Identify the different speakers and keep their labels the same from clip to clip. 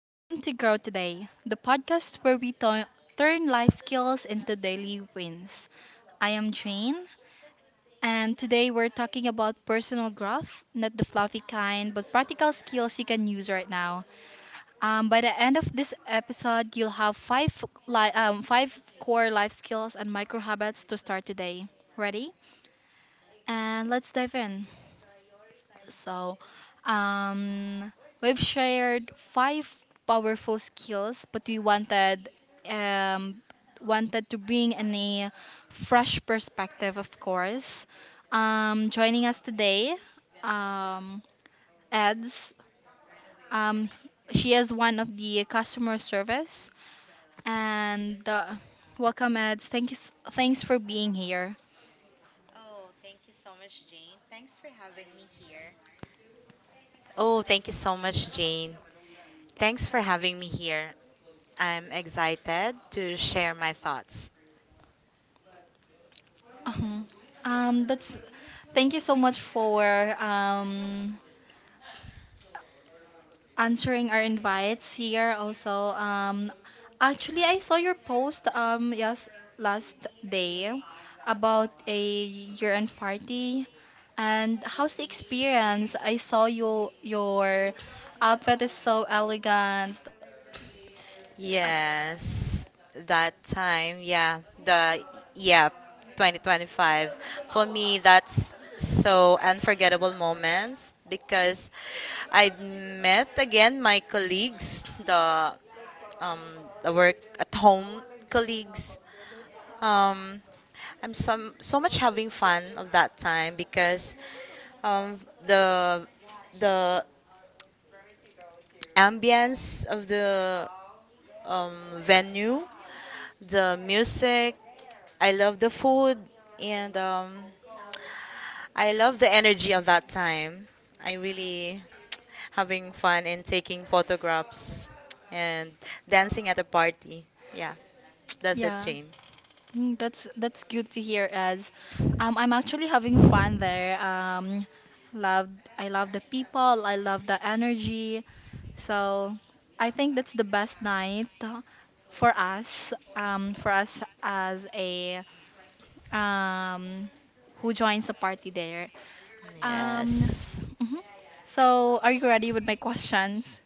Speaker 1: Welcome to Grow Today, the podcast where turn life skills into daily wins. I am Jane, and today we're talking about personal growth, not the fluffy kind, but practical skills you can use right now. By the end of this episode, you'll have five core life skills and micro habits to start today. Ready? And let's dive in. So, um, we've shared five powerful skills, but we um, wanted to bring in a fresh perspective, of course. Joining us today, um, Eds. Um, she is one of the customer service, and welcome, Eds. Thanks for being here.
Speaker 2: Oh, thank you so much, Jane. Thanks for having me here. I'm excited to share my thoughts.
Speaker 1: Uh huh. That's Thank you so much for um answering our invites here also. Actually, I saw your post yes last day about a year-end party, and how's the experience? I saw your outfit is so elegant. Uh,
Speaker 2: Yes, that time, yeah, the yeah, 2025. For me, that's so unforgettable moments because I met again my colleagues, um the work at home colleagues. Um, I'm so, so much having fun of that time because um, the the ambience of the um, venue, the music, I love the food, and I love the energy of that time. I really having fun and taking photographs and dancing at a party. Yeah, that's it,
Speaker 1: yeah,
Speaker 2: Jane.
Speaker 1: that's good to hear. As I'm actually having fun there. Loved I love the people. I love the energy. So I think that's the best night for us as a um, who joins the party there. Um,
Speaker 2: Yes.
Speaker 1: s- mhm. So are you ready with my questions?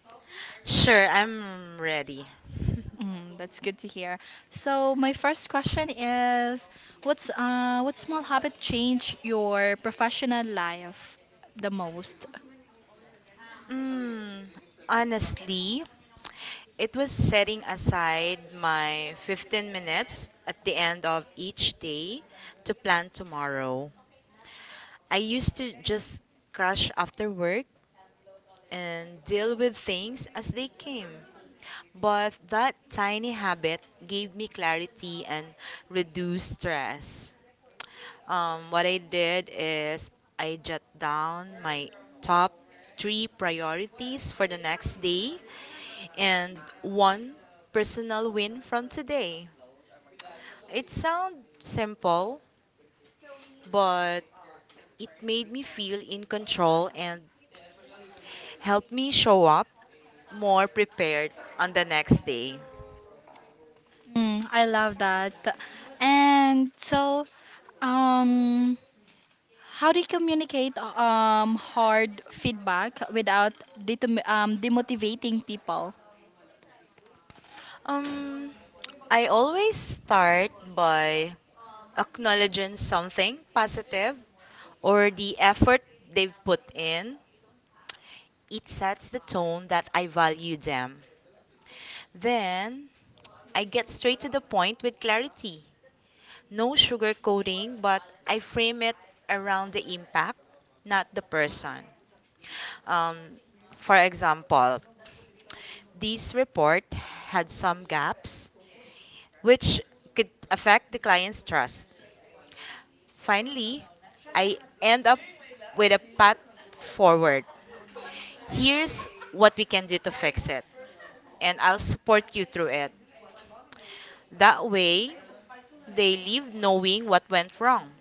Speaker 2: Sure, I'm ready.
Speaker 1: Mm, that's good to hear. So my first question is, what small habit changed your professional life the most?
Speaker 2: Mm, Honestly, it was setting aside my 15 minutes at the end of each day to plan tomorrow. I used to just crash after work and deal with things as they came. But that tiny habit gave me clarity and reduced stress. What I did is I jot down my top three priorities for the next day and one personal win from today. It sounds simple, but it made me feel in control and helped me show up more prepared on the next day.
Speaker 1: Mm, I love that. And so, um, How do you communicate hard feedback without demotivating people?
Speaker 2: Um, I always start by acknowledging something positive or the effort they've put in. It sets the tone that I value them. Then I get straight to the point with clarity. No sugarcoating, but I frame it around the impact, not the person. Um, for example, this report had some gaps which could affect the client's trust. Finally, I end up with a path forward. Here's what we can do to fix it, and I'll support you through it. That way, they leave knowing what went wrong,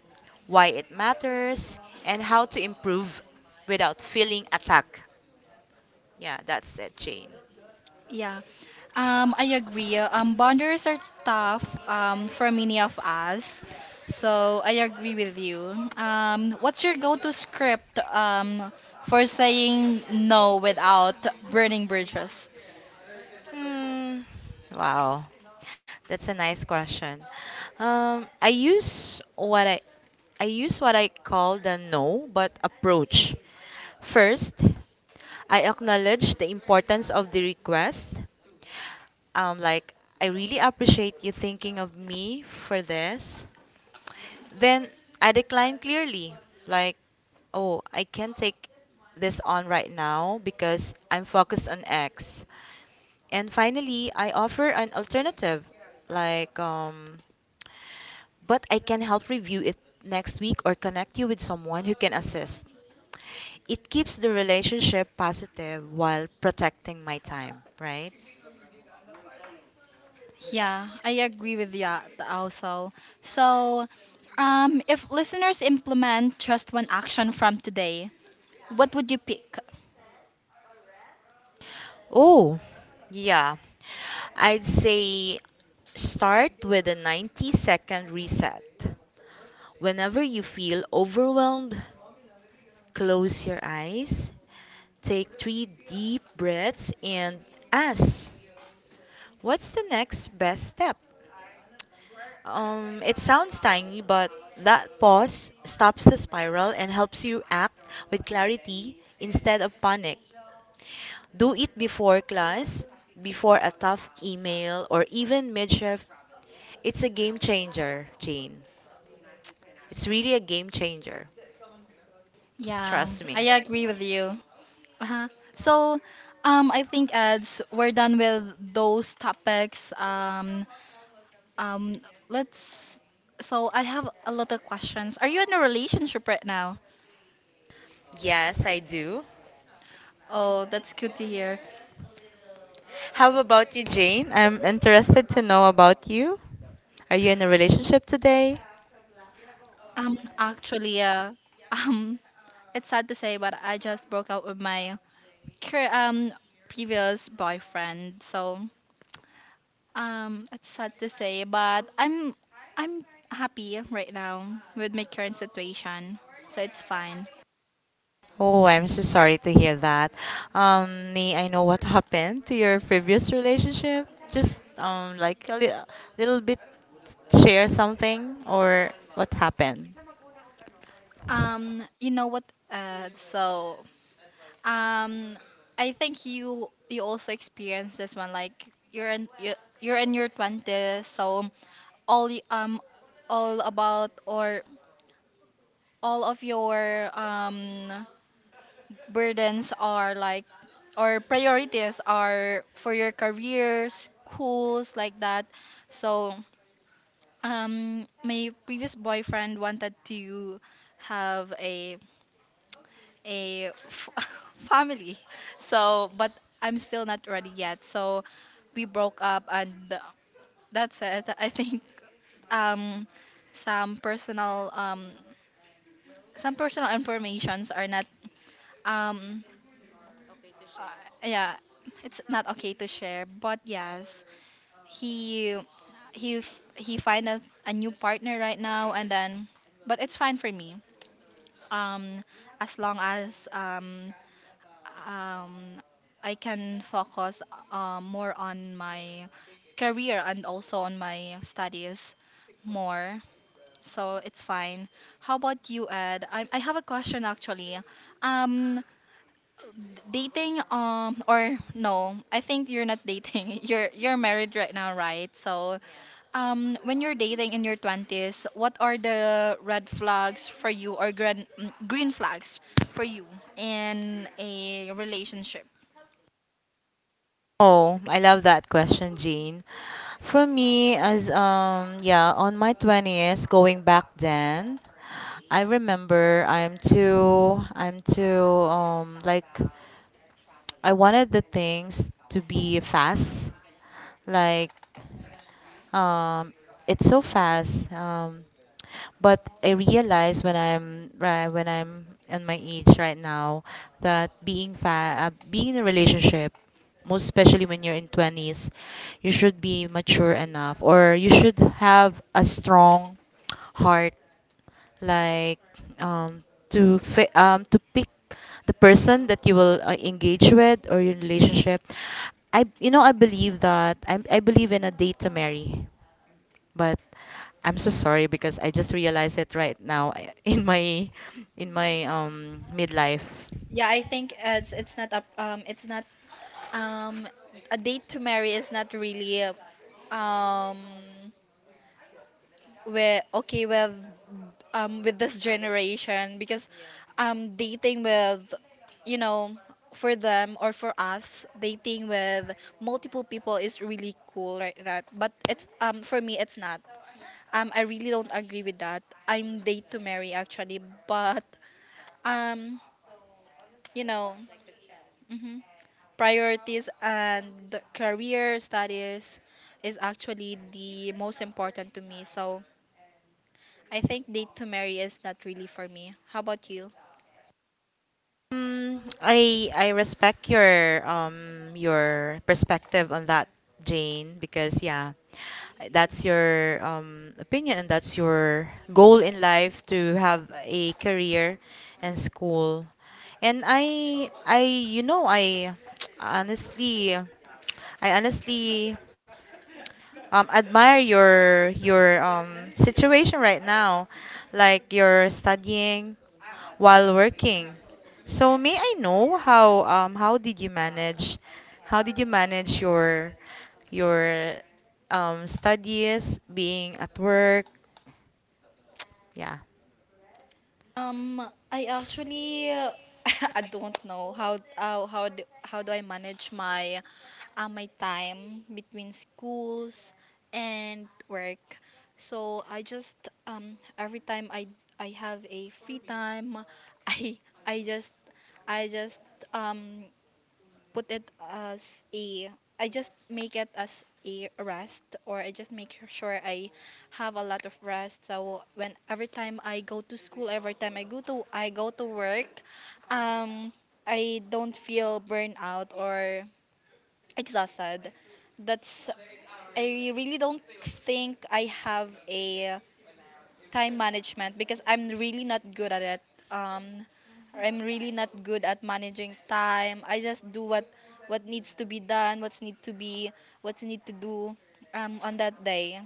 Speaker 2: why it matters, and how to improve without feeling attacked. Yeah, that's it, Jane.
Speaker 1: Yeah, I agree. Boundaries are tough for many of us. So I agree with you. What's your go-to script for saying no without burning bridges?
Speaker 2: Hmm. Wow. That's a nice question. Um, I use what I I use what I call the no but approach. First, I acknowledge the importance of the request. Like, I really appreciate you thinking of me for this. Then I decline clearly. Like, oh, I can't take this on right now because I'm focused on X. And finally, I offer an alternative. Like, but I can help review it next week or connect you with someone who can assist. It keeps the relationship positive while protecting my time, right?
Speaker 1: Yeah, I agree with that also. So, if listeners implement just one action from today, what would you pick?
Speaker 2: Oh, yeah. I'd say start with a 90-second reset. Whenever you feel overwhelmed, close your eyes, take three deep breaths, and ask, what's the next best step? It sounds tiny, but that pause stops the spiral and helps you act with clarity instead of panic. Do it before class, before a tough email, or even mid-shift. It's a game changer, Jane. It's really a game changer.
Speaker 1: Yeah,
Speaker 2: Trust me.
Speaker 1: I agree with you. Uh-huh. So, I think as we're done with those topics, um, let's. So I have a lot of questions. Are you in a relationship right now?
Speaker 2: Yes, I do.
Speaker 1: Oh, that's good to hear.
Speaker 2: How about you, Jane? I'm interested to know about you. Are you in a relationship today?
Speaker 1: Um, actually, uh, um, it's sad to say, but I just broke up with my cur- um previous boyfriend. So it's sad to say, but I'm happy right now with my current situation, so it's fine.
Speaker 2: Oh, I'm so sorry to hear that. May I know what happened to your previous relationship? Just like a little bit, share something or what happened?
Speaker 1: You know what? Uh, so um, I think you also experienced this one. Like you're in your twenties, so all y- um all about or all of your burdens are like or priorities are for your career, schools like that. So my previous boyfriend wanted to have a family. So but I'm still not ready yet. So we broke up and that's it. I think um some personal um some personal informations are not um yeah it's not okay to share but yes he he he find a new partner right now and then but it's fine for me um as long as um I can focus more on my career and also on my studies more, so it's fine. How about you, Ed? I have a question actually. um Dating, or no I think you're not dating you're married right now, right? So when you're dating in your 20s, what are the red flags for you or green flags for you in a relationship?
Speaker 2: Oh, I love that question, Jean. For me, as yeah, on my 20th, going back then, I remember like I wanted the things to be fast. Like um, it's so fast. But I realize when I'm in my age right now that being in a relationship, most especially when you're in 20s, you should be mature enough or you should have a strong heart, like um, to pick the person that you will engage with, or your relationship. I you know I believe that I believe in a date to marry, but I'm so sorry because I just realized it right now. In my midlife.
Speaker 1: Yeah, I think it's not a it's not um a date to marry is not really um we okay with this generation, because dating with, you know, for them or for us, dating with multiple people is really cool, right? Right, but it's, for me it's not, I really don't agree with that. I'm date to marry actually, but um you know, mhm, priorities and career studies is actually the most important to me. So I think date to marry is not really for me. How about you?
Speaker 2: I respect your perspective on that, Jane, because yeah, that's your opinion, and that's your goal in life to have a career and school. And I I honestly honestly, admire your situation right now, like you're studying while working. So may I know, how did you manage, your your studies being at work? Yeah.
Speaker 1: Um, I actually I don't know how do I manage my my time between schools and work. So I just every time I have a free time, I I just I just um put it as a I just make it as a rest, or I just make sure I have a lot of rest, so when every time I go to school, every time I go to work, um I don't feel burned out or exhausted. That's I really don't think I have a time management, because I'm really not good at it. Um, I'm really not good at managing time. I just do what needs to be done, what's need to be, what's need to do on that day.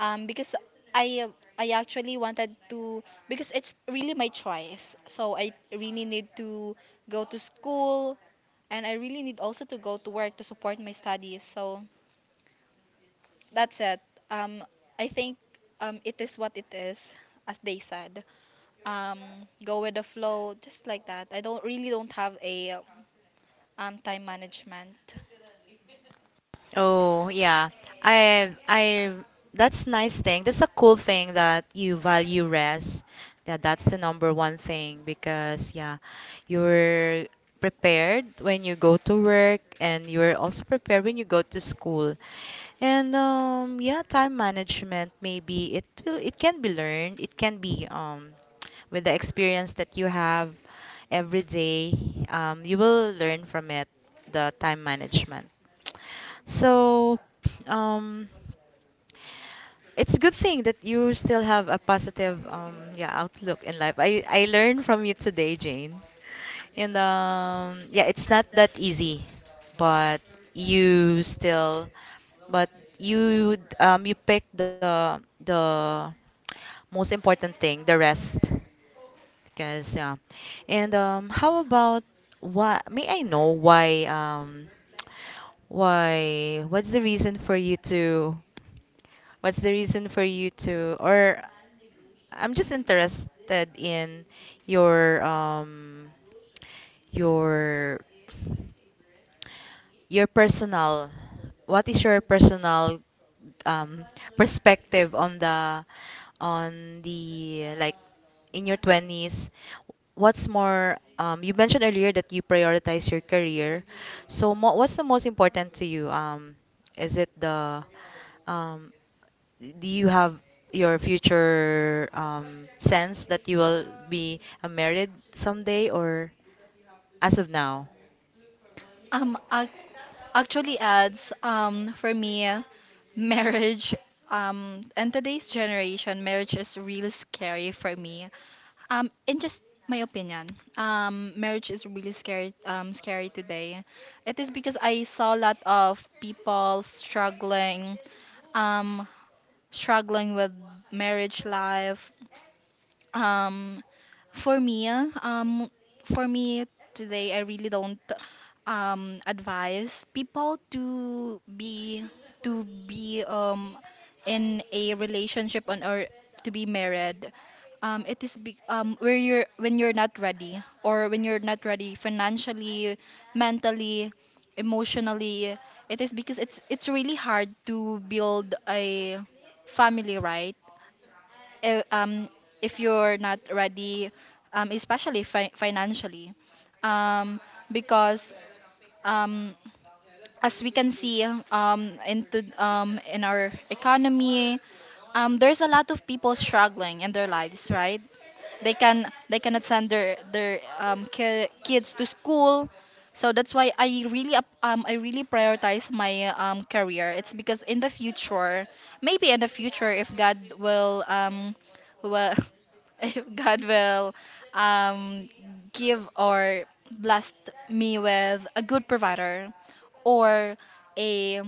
Speaker 1: Because I uh, I actually wanted to, because it's really my choice. So I really need to go to school, and I really need also to go to work to support my studies. So that's it. Um, I think it is what it is, as they said, um go with the flow, just like that. I don't really don't have a time management.
Speaker 2: Oh, yeah. I That's nice thing. That's a cool thing that you value rest. That's the number one thing because yeah, you're prepared when you go to work and you're also prepared when you go to school. And yeah, time management maybe it can be learned. It can be, with the experience that you have every day, you will learn from it, the time management. So, um, it's a good thing that you still have a positive outlook in life. I learned from you today, Jane. And yeah, it's not that easy, but you still but you you pick the most important thing, the rest. Because yeah. And how about, why may I know why what's the reason for you to... What's the reason for you to, or I'm just interested in your your personal. What is your personal um perspective on the like, in your 20s, what's more, you mentioned earlier that you prioritize your career, so what's the most important to you? Is it the... um, do you have your future, sense that you will be married someday, or as of now?
Speaker 1: Um, ac- Actually adds, for me, marriage and today's generation, marriage is really scary for me. In just my opinion, marriage is really scary today. It is because I saw a lot of people struggling, um, struggling with marriage life, um for me um for me today I really don't advise people to be to be um in a relationship on or to be married, where you're when you're not ready or when you're not ready financially, mentally, emotionally. It is because it's really hard to build a family, right? If, if you're not ready, especially financially, um, because, um, as we can see, into in our economy, there's a lot of people struggling in their lives, right? They can they cannot send their kids to school. So that's why I really I really prioritize my career. It's because in the future, maybe in the future, if god will if God will um give or bless me with a good provider, or a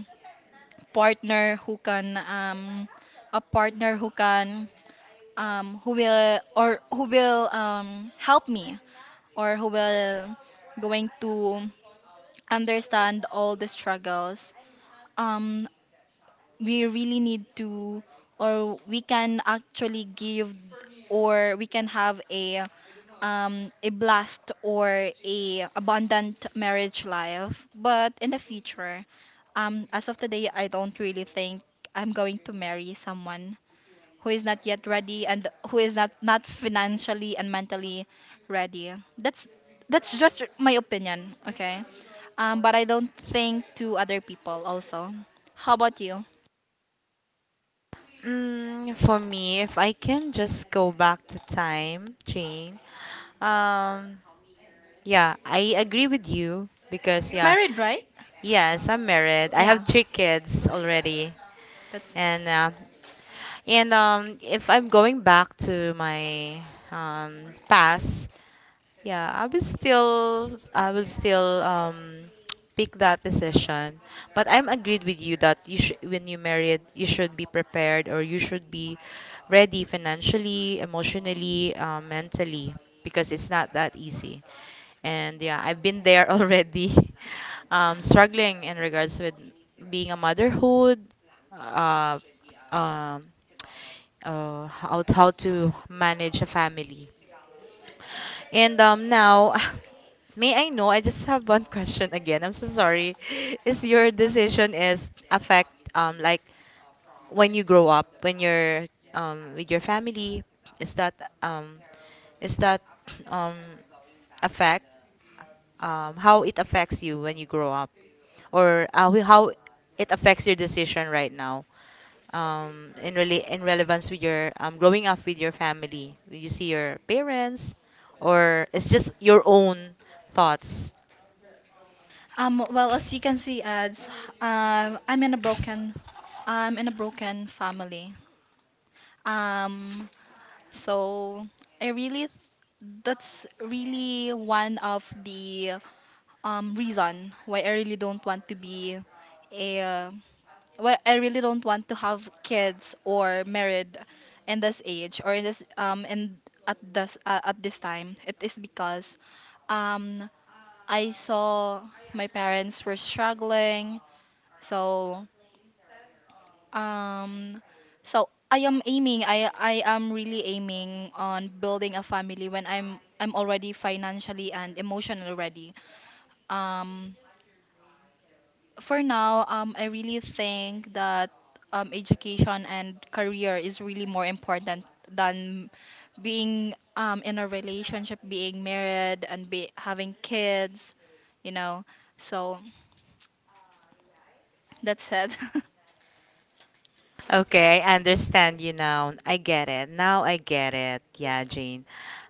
Speaker 1: partner who can a partner who can who will, or who will, help me, or who will going to understand all the struggles, um, we really need to, or we can actually give, or we can have a, a blast or a abundant marriage life, but in the future, as of today I don't really think I'm going to marry someone who is not yet ready, and who is not not financially and mentally ready. that's that's just my opinion, okay? But I don't think to other people also. How about you?
Speaker 2: For me, if I can just go back to time, Jane. Um, yeah, I agree with you because yeah,
Speaker 1: Married, right?
Speaker 2: yes, I'm married. I have
Speaker 1: yeah
Speaker 2: three kids already,
Speaker 1: that's
Speaker 2: and if I'm going back to my past, yeah, I will still, pick that decision. But I'm agreed with you that you should, when you married, you should be prepared, or you should be ready financially, emotionally, mentally, because it's not that easy. And yeah, I've been there already, struggling in regards with being a motherhood, uh, um how to manage a family. And now, may I know? I just have one question again. I'm so sorry. Is your decision is affect, like, when you grow up, when you're with your family? Is that um is that um affect, how it affects you when you grow up? Or wh- how it affects your decision right now, in in relevance with your growing up with your family? You see your parents, or it's just your own thoughts?
Speaker 1: Um, well, as you can see, ads, I'm in a broken, I'm in a broken family. um so I really, that's really one of the reason why I really don't want to be a why I really don't want to have kids or married in this age, or in this in at this time. It is because um I saw my parents were struggling. So um so I am really aiming on building a family when I'm already financially and emotionally ready. um for now, I really think that education and career is really more important than being, in a relationship, being married, and be having kids. You know, so that's it.
Speaker 2: Okay, I understand you now. I get it. Now I get it. Yeah, Jane.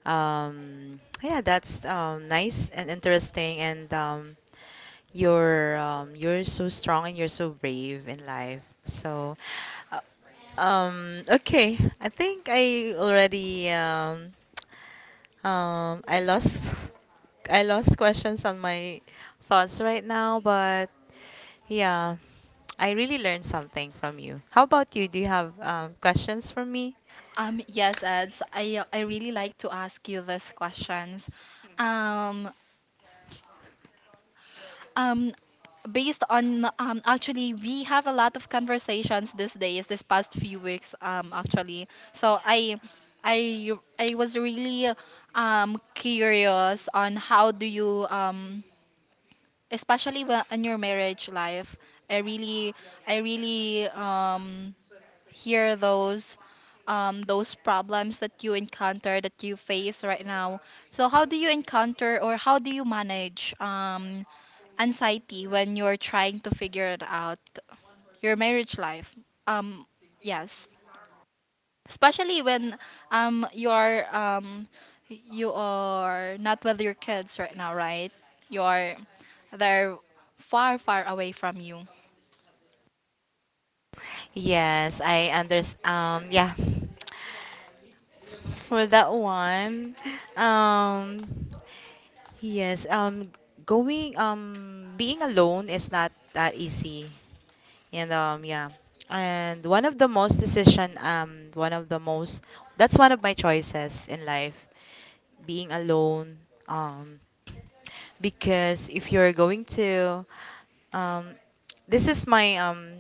Speaker 2: Yeah, that's nice and interesting, and you're so strong and you're so brave in life. So. uh, okay. I think I already, I lost I lost questions on my thoughts right now, but yeah, I really learned something from you. How about you? Do you have questions for me?
Speaker 1: Yes, Eds, I really like to ask you these questions. Um, um, Based on, actually we have a lot of conversations these days, this past few weeks, actually so i I was really curious on how do you especially when in your marriage life, i really I really hear those problems that you encounter, that you face right now. So how do you encounter, or how do you manage anxiety when you're trying to figure it out your marriage life, um yes especially when you're you are not with your kids right now, right? You are they're far away from you.
Speaker 2: Yes, I understand. Yeah, for that one, um, yes, going, being alone is not that easy. And yeah. And one of the most decision one of the most That's one of my choices in life. Being alone. Um because, if you're going to um this is my, um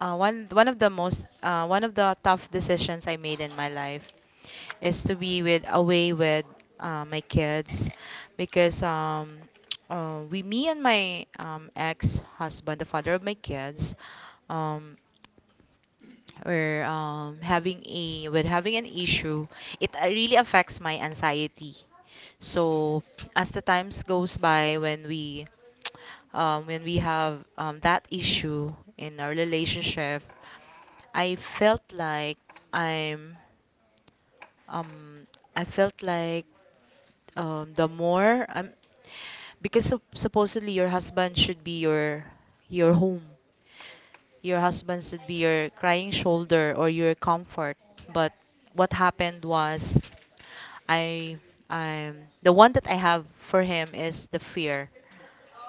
Speaker 2: uh, one one of the most, one of the tough decisions I made in my life, is to be with away with my kids, because we me and my ex husband, the father of my kids, um or having a, with having an issue, it really affects my anxiety. So as the times goes by, when we have, that issue in our relationship, I felt like I'm um, I felt like the more because supposedly your husband should be your home. Your husband should be your crying shoulder or your comfort. But what happened was, I I'm the one that I have for him is the fear.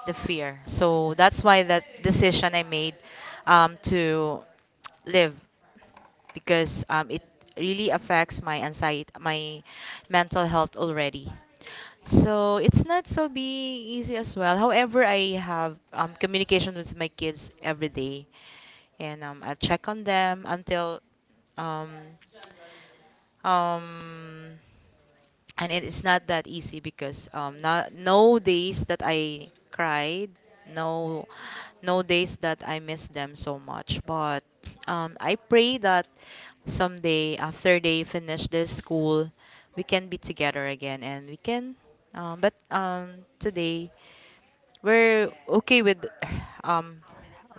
Speaker 2: The fear. So that's why that decision I made, to live, because it really affects my anxiety, my mental health already. So it's not so be easy as well. However, I have communication with my kids every day, and I check on them until, um, um, and it is not that easy, because not, no days that I cried, no no days that I miss them so much, but I pray that someday after they finish this school, we can be together again, and we can, but today we're okay with, um,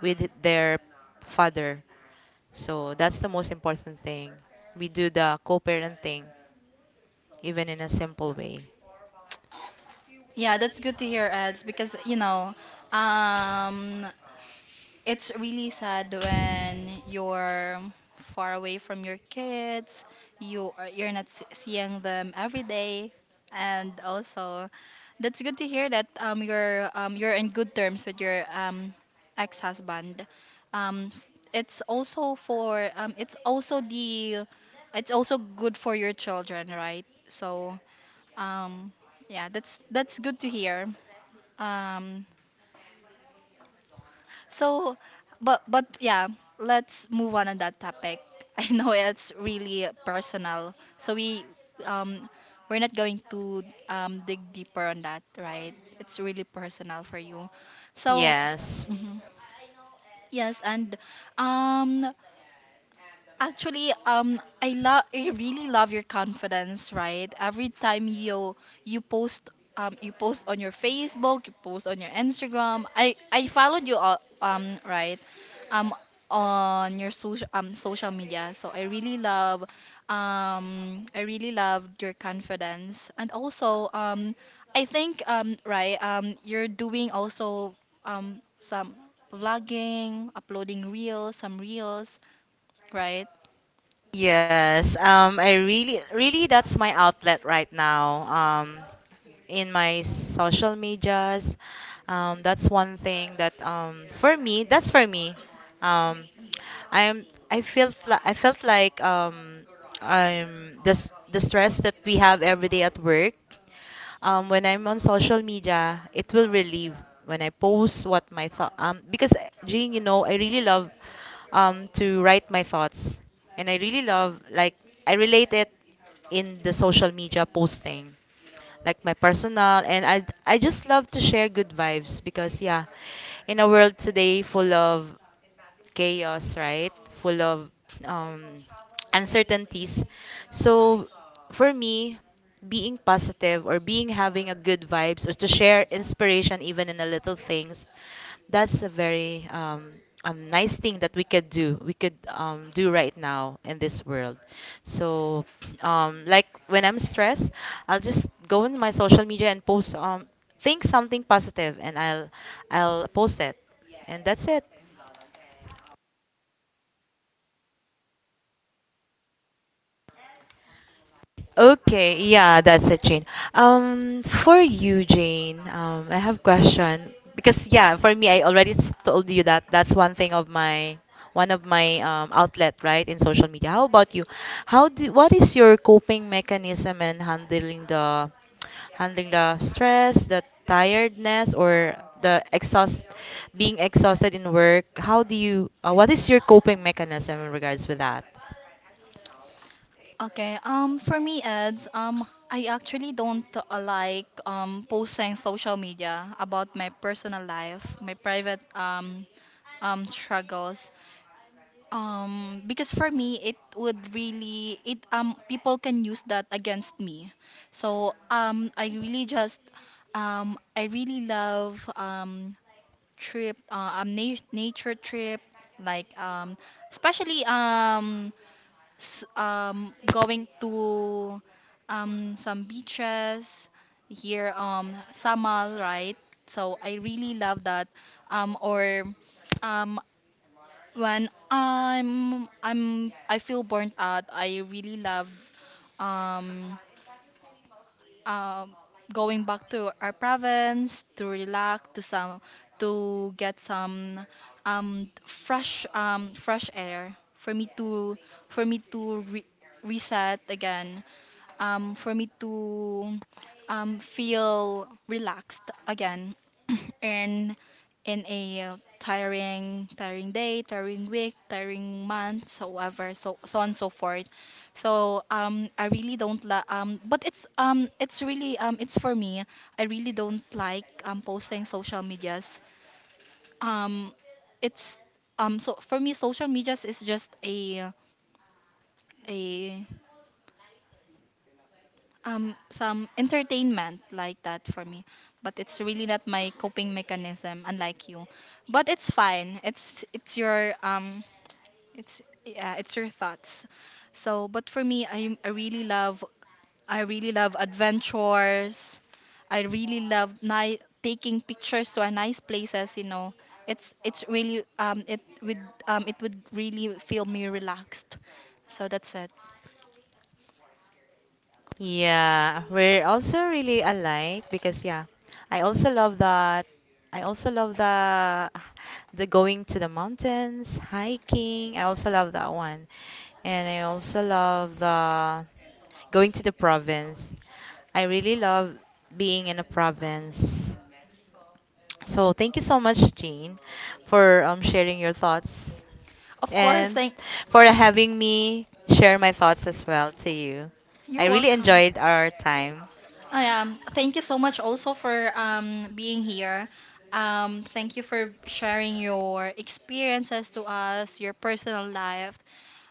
Speaker 2: with their father, so that's the most important thing. We do the co-parenting, even in a simple way.
Speaker 1: Yeah, that's good to hear, Eds, because you know, um it's really sad when you're far away from your kids, you are- you're not s- seeing them every day. And also, that's good to hear that you're in good terms with your ex-husband. um it's also for it's also the it's also good for your children, right? So um yeah, that's good to hear. um so, but yeah, let's move on that topic. I know it's really personal, so we um we're not going to dig deeper on that, right? It's really personal for you. So,
Speaker 2: Yes.
Speaker 1: mhm. Yes, and um actually, I really love your confidence, right? Every time you post, you post on your Facebook, you post on your Instagram. I followed you all, right, um, on your social media. So I really love your confidence, and also, I think, right, you're doing also some vlogging, uploading reels, right?
Speaker 2: Yes. I really, really, that's my outlet right now. In my social medias, that's one thing that, for me, that's for me. Um, I'm, I felt like, I'm the stress that we have every day at work. When I'm on social media, it will relieve when I post what my thought. Because, Jean, I really love, to write my thoughts, and I really love, like, I relate it in the social media posting, like my personal, and I just love to share good vibes, because yeah, in a world today full of chaos, right? Full of um, uncertainties. So for me, being positive, or being having a good vibes, or to share inspiration even in the little things, that's a very nice thing that we could do. We could do right now in this world. So, like when I'm stressed, I'll just go in my social media and post, think something positive, and I'll post it. And that's it. Okay, yeah, that's it, Jane. For you, Jane, I have question, because yeah, for me, I already told you that that's one thing of my, outlet, right, in social media. How about you? How do What is your coping mechanism in handling the stress, the tiredness, or the exhaust being exhausted in work? How do you? What is your coping mechanism in regards with that?
Speaker 1: Okay. For me, ads. I actually don't posting social media about my personal life, my private struggles. Because for me, it would really it people can use that against me. So I really just I really love nature trip, like um especially um going to, some beaches here, um, Samal, right? So I really love that, or um when I feel burnt out, I really love um um going back to our province to relax, to some, to get some, fresh air, for me to for me to re- reset again, for me to, feel relaxed again, and in a tiring, tiring day, tiring week, tiring month, so ever, so so on, so forth. So I really don't la- but it's really it's for me, I really don't like, um, posting social medias, um it's so for me social medias is just a, some entertainment, like that for me. But it's really not my coping mechanism, unlike you, but it's fine, it's your it's yeah it's your thoughts. So but for me, I really love adventures, I really love taking pictures to a nice places, you know. It's really, it would really feel me relaxed. So that's it.
Speaker 2: Yeah, we're also really alike, because yeah, I also love that. I also love the, going to the mountains, hiking. I also love that one. And I also love the going to the province. I really love being in a province. So thank you so much, Jean, for sharing your thoughts,
Speaker 1: Of course,
Speaker 2: and
Speaker 1: thank,
Speaker 2: for having me share my thoughts as well to you. I
Speaker 1: you're
Speaker 2: really
Speaker 1: welcome.
Speaker 2: enjoyed our time.
Speaker 1: Thank you so much also for, being here. Thank you for sharing your experiences to us, your personal life.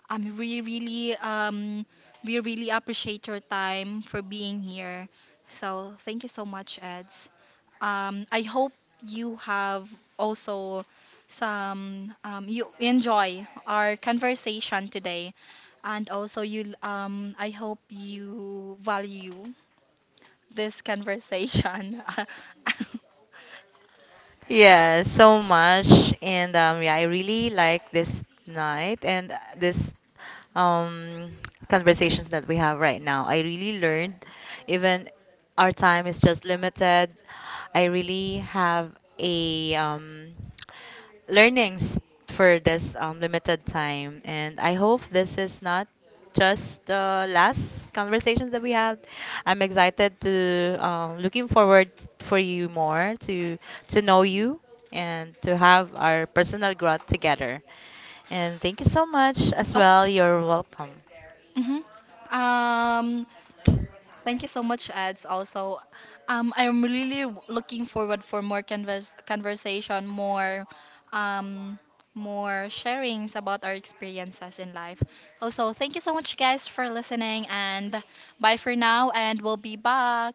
Speaker 1: Um, we really, um, we really appreciate your time for being here. So thank you so much, Eds. I hope you have also some, you enjoy our conversation today, and also you, I hope you value this conversation.
Speaker 2: Yeah, so much. And yeah, I really like this night and, this um, conversations that we have right now. I really learned, even our time is just limited. I really have a, learnings for this limited time, and I hope this is not just the last conversations that we had. I'm excited to, looking forward for you more to know you, and to have our personal growth together. And thank you so much as
Speaker 1: Of,
Speaker 2: well. You're welcome.
Speaker 1: mhm. Um, thank you so much, Eds. Also, I'm really looking forward for more conversation, more, um, more sharings about our experiences in life. Also, thank you so much, guys, for listening, and bye for now, and we'll be back.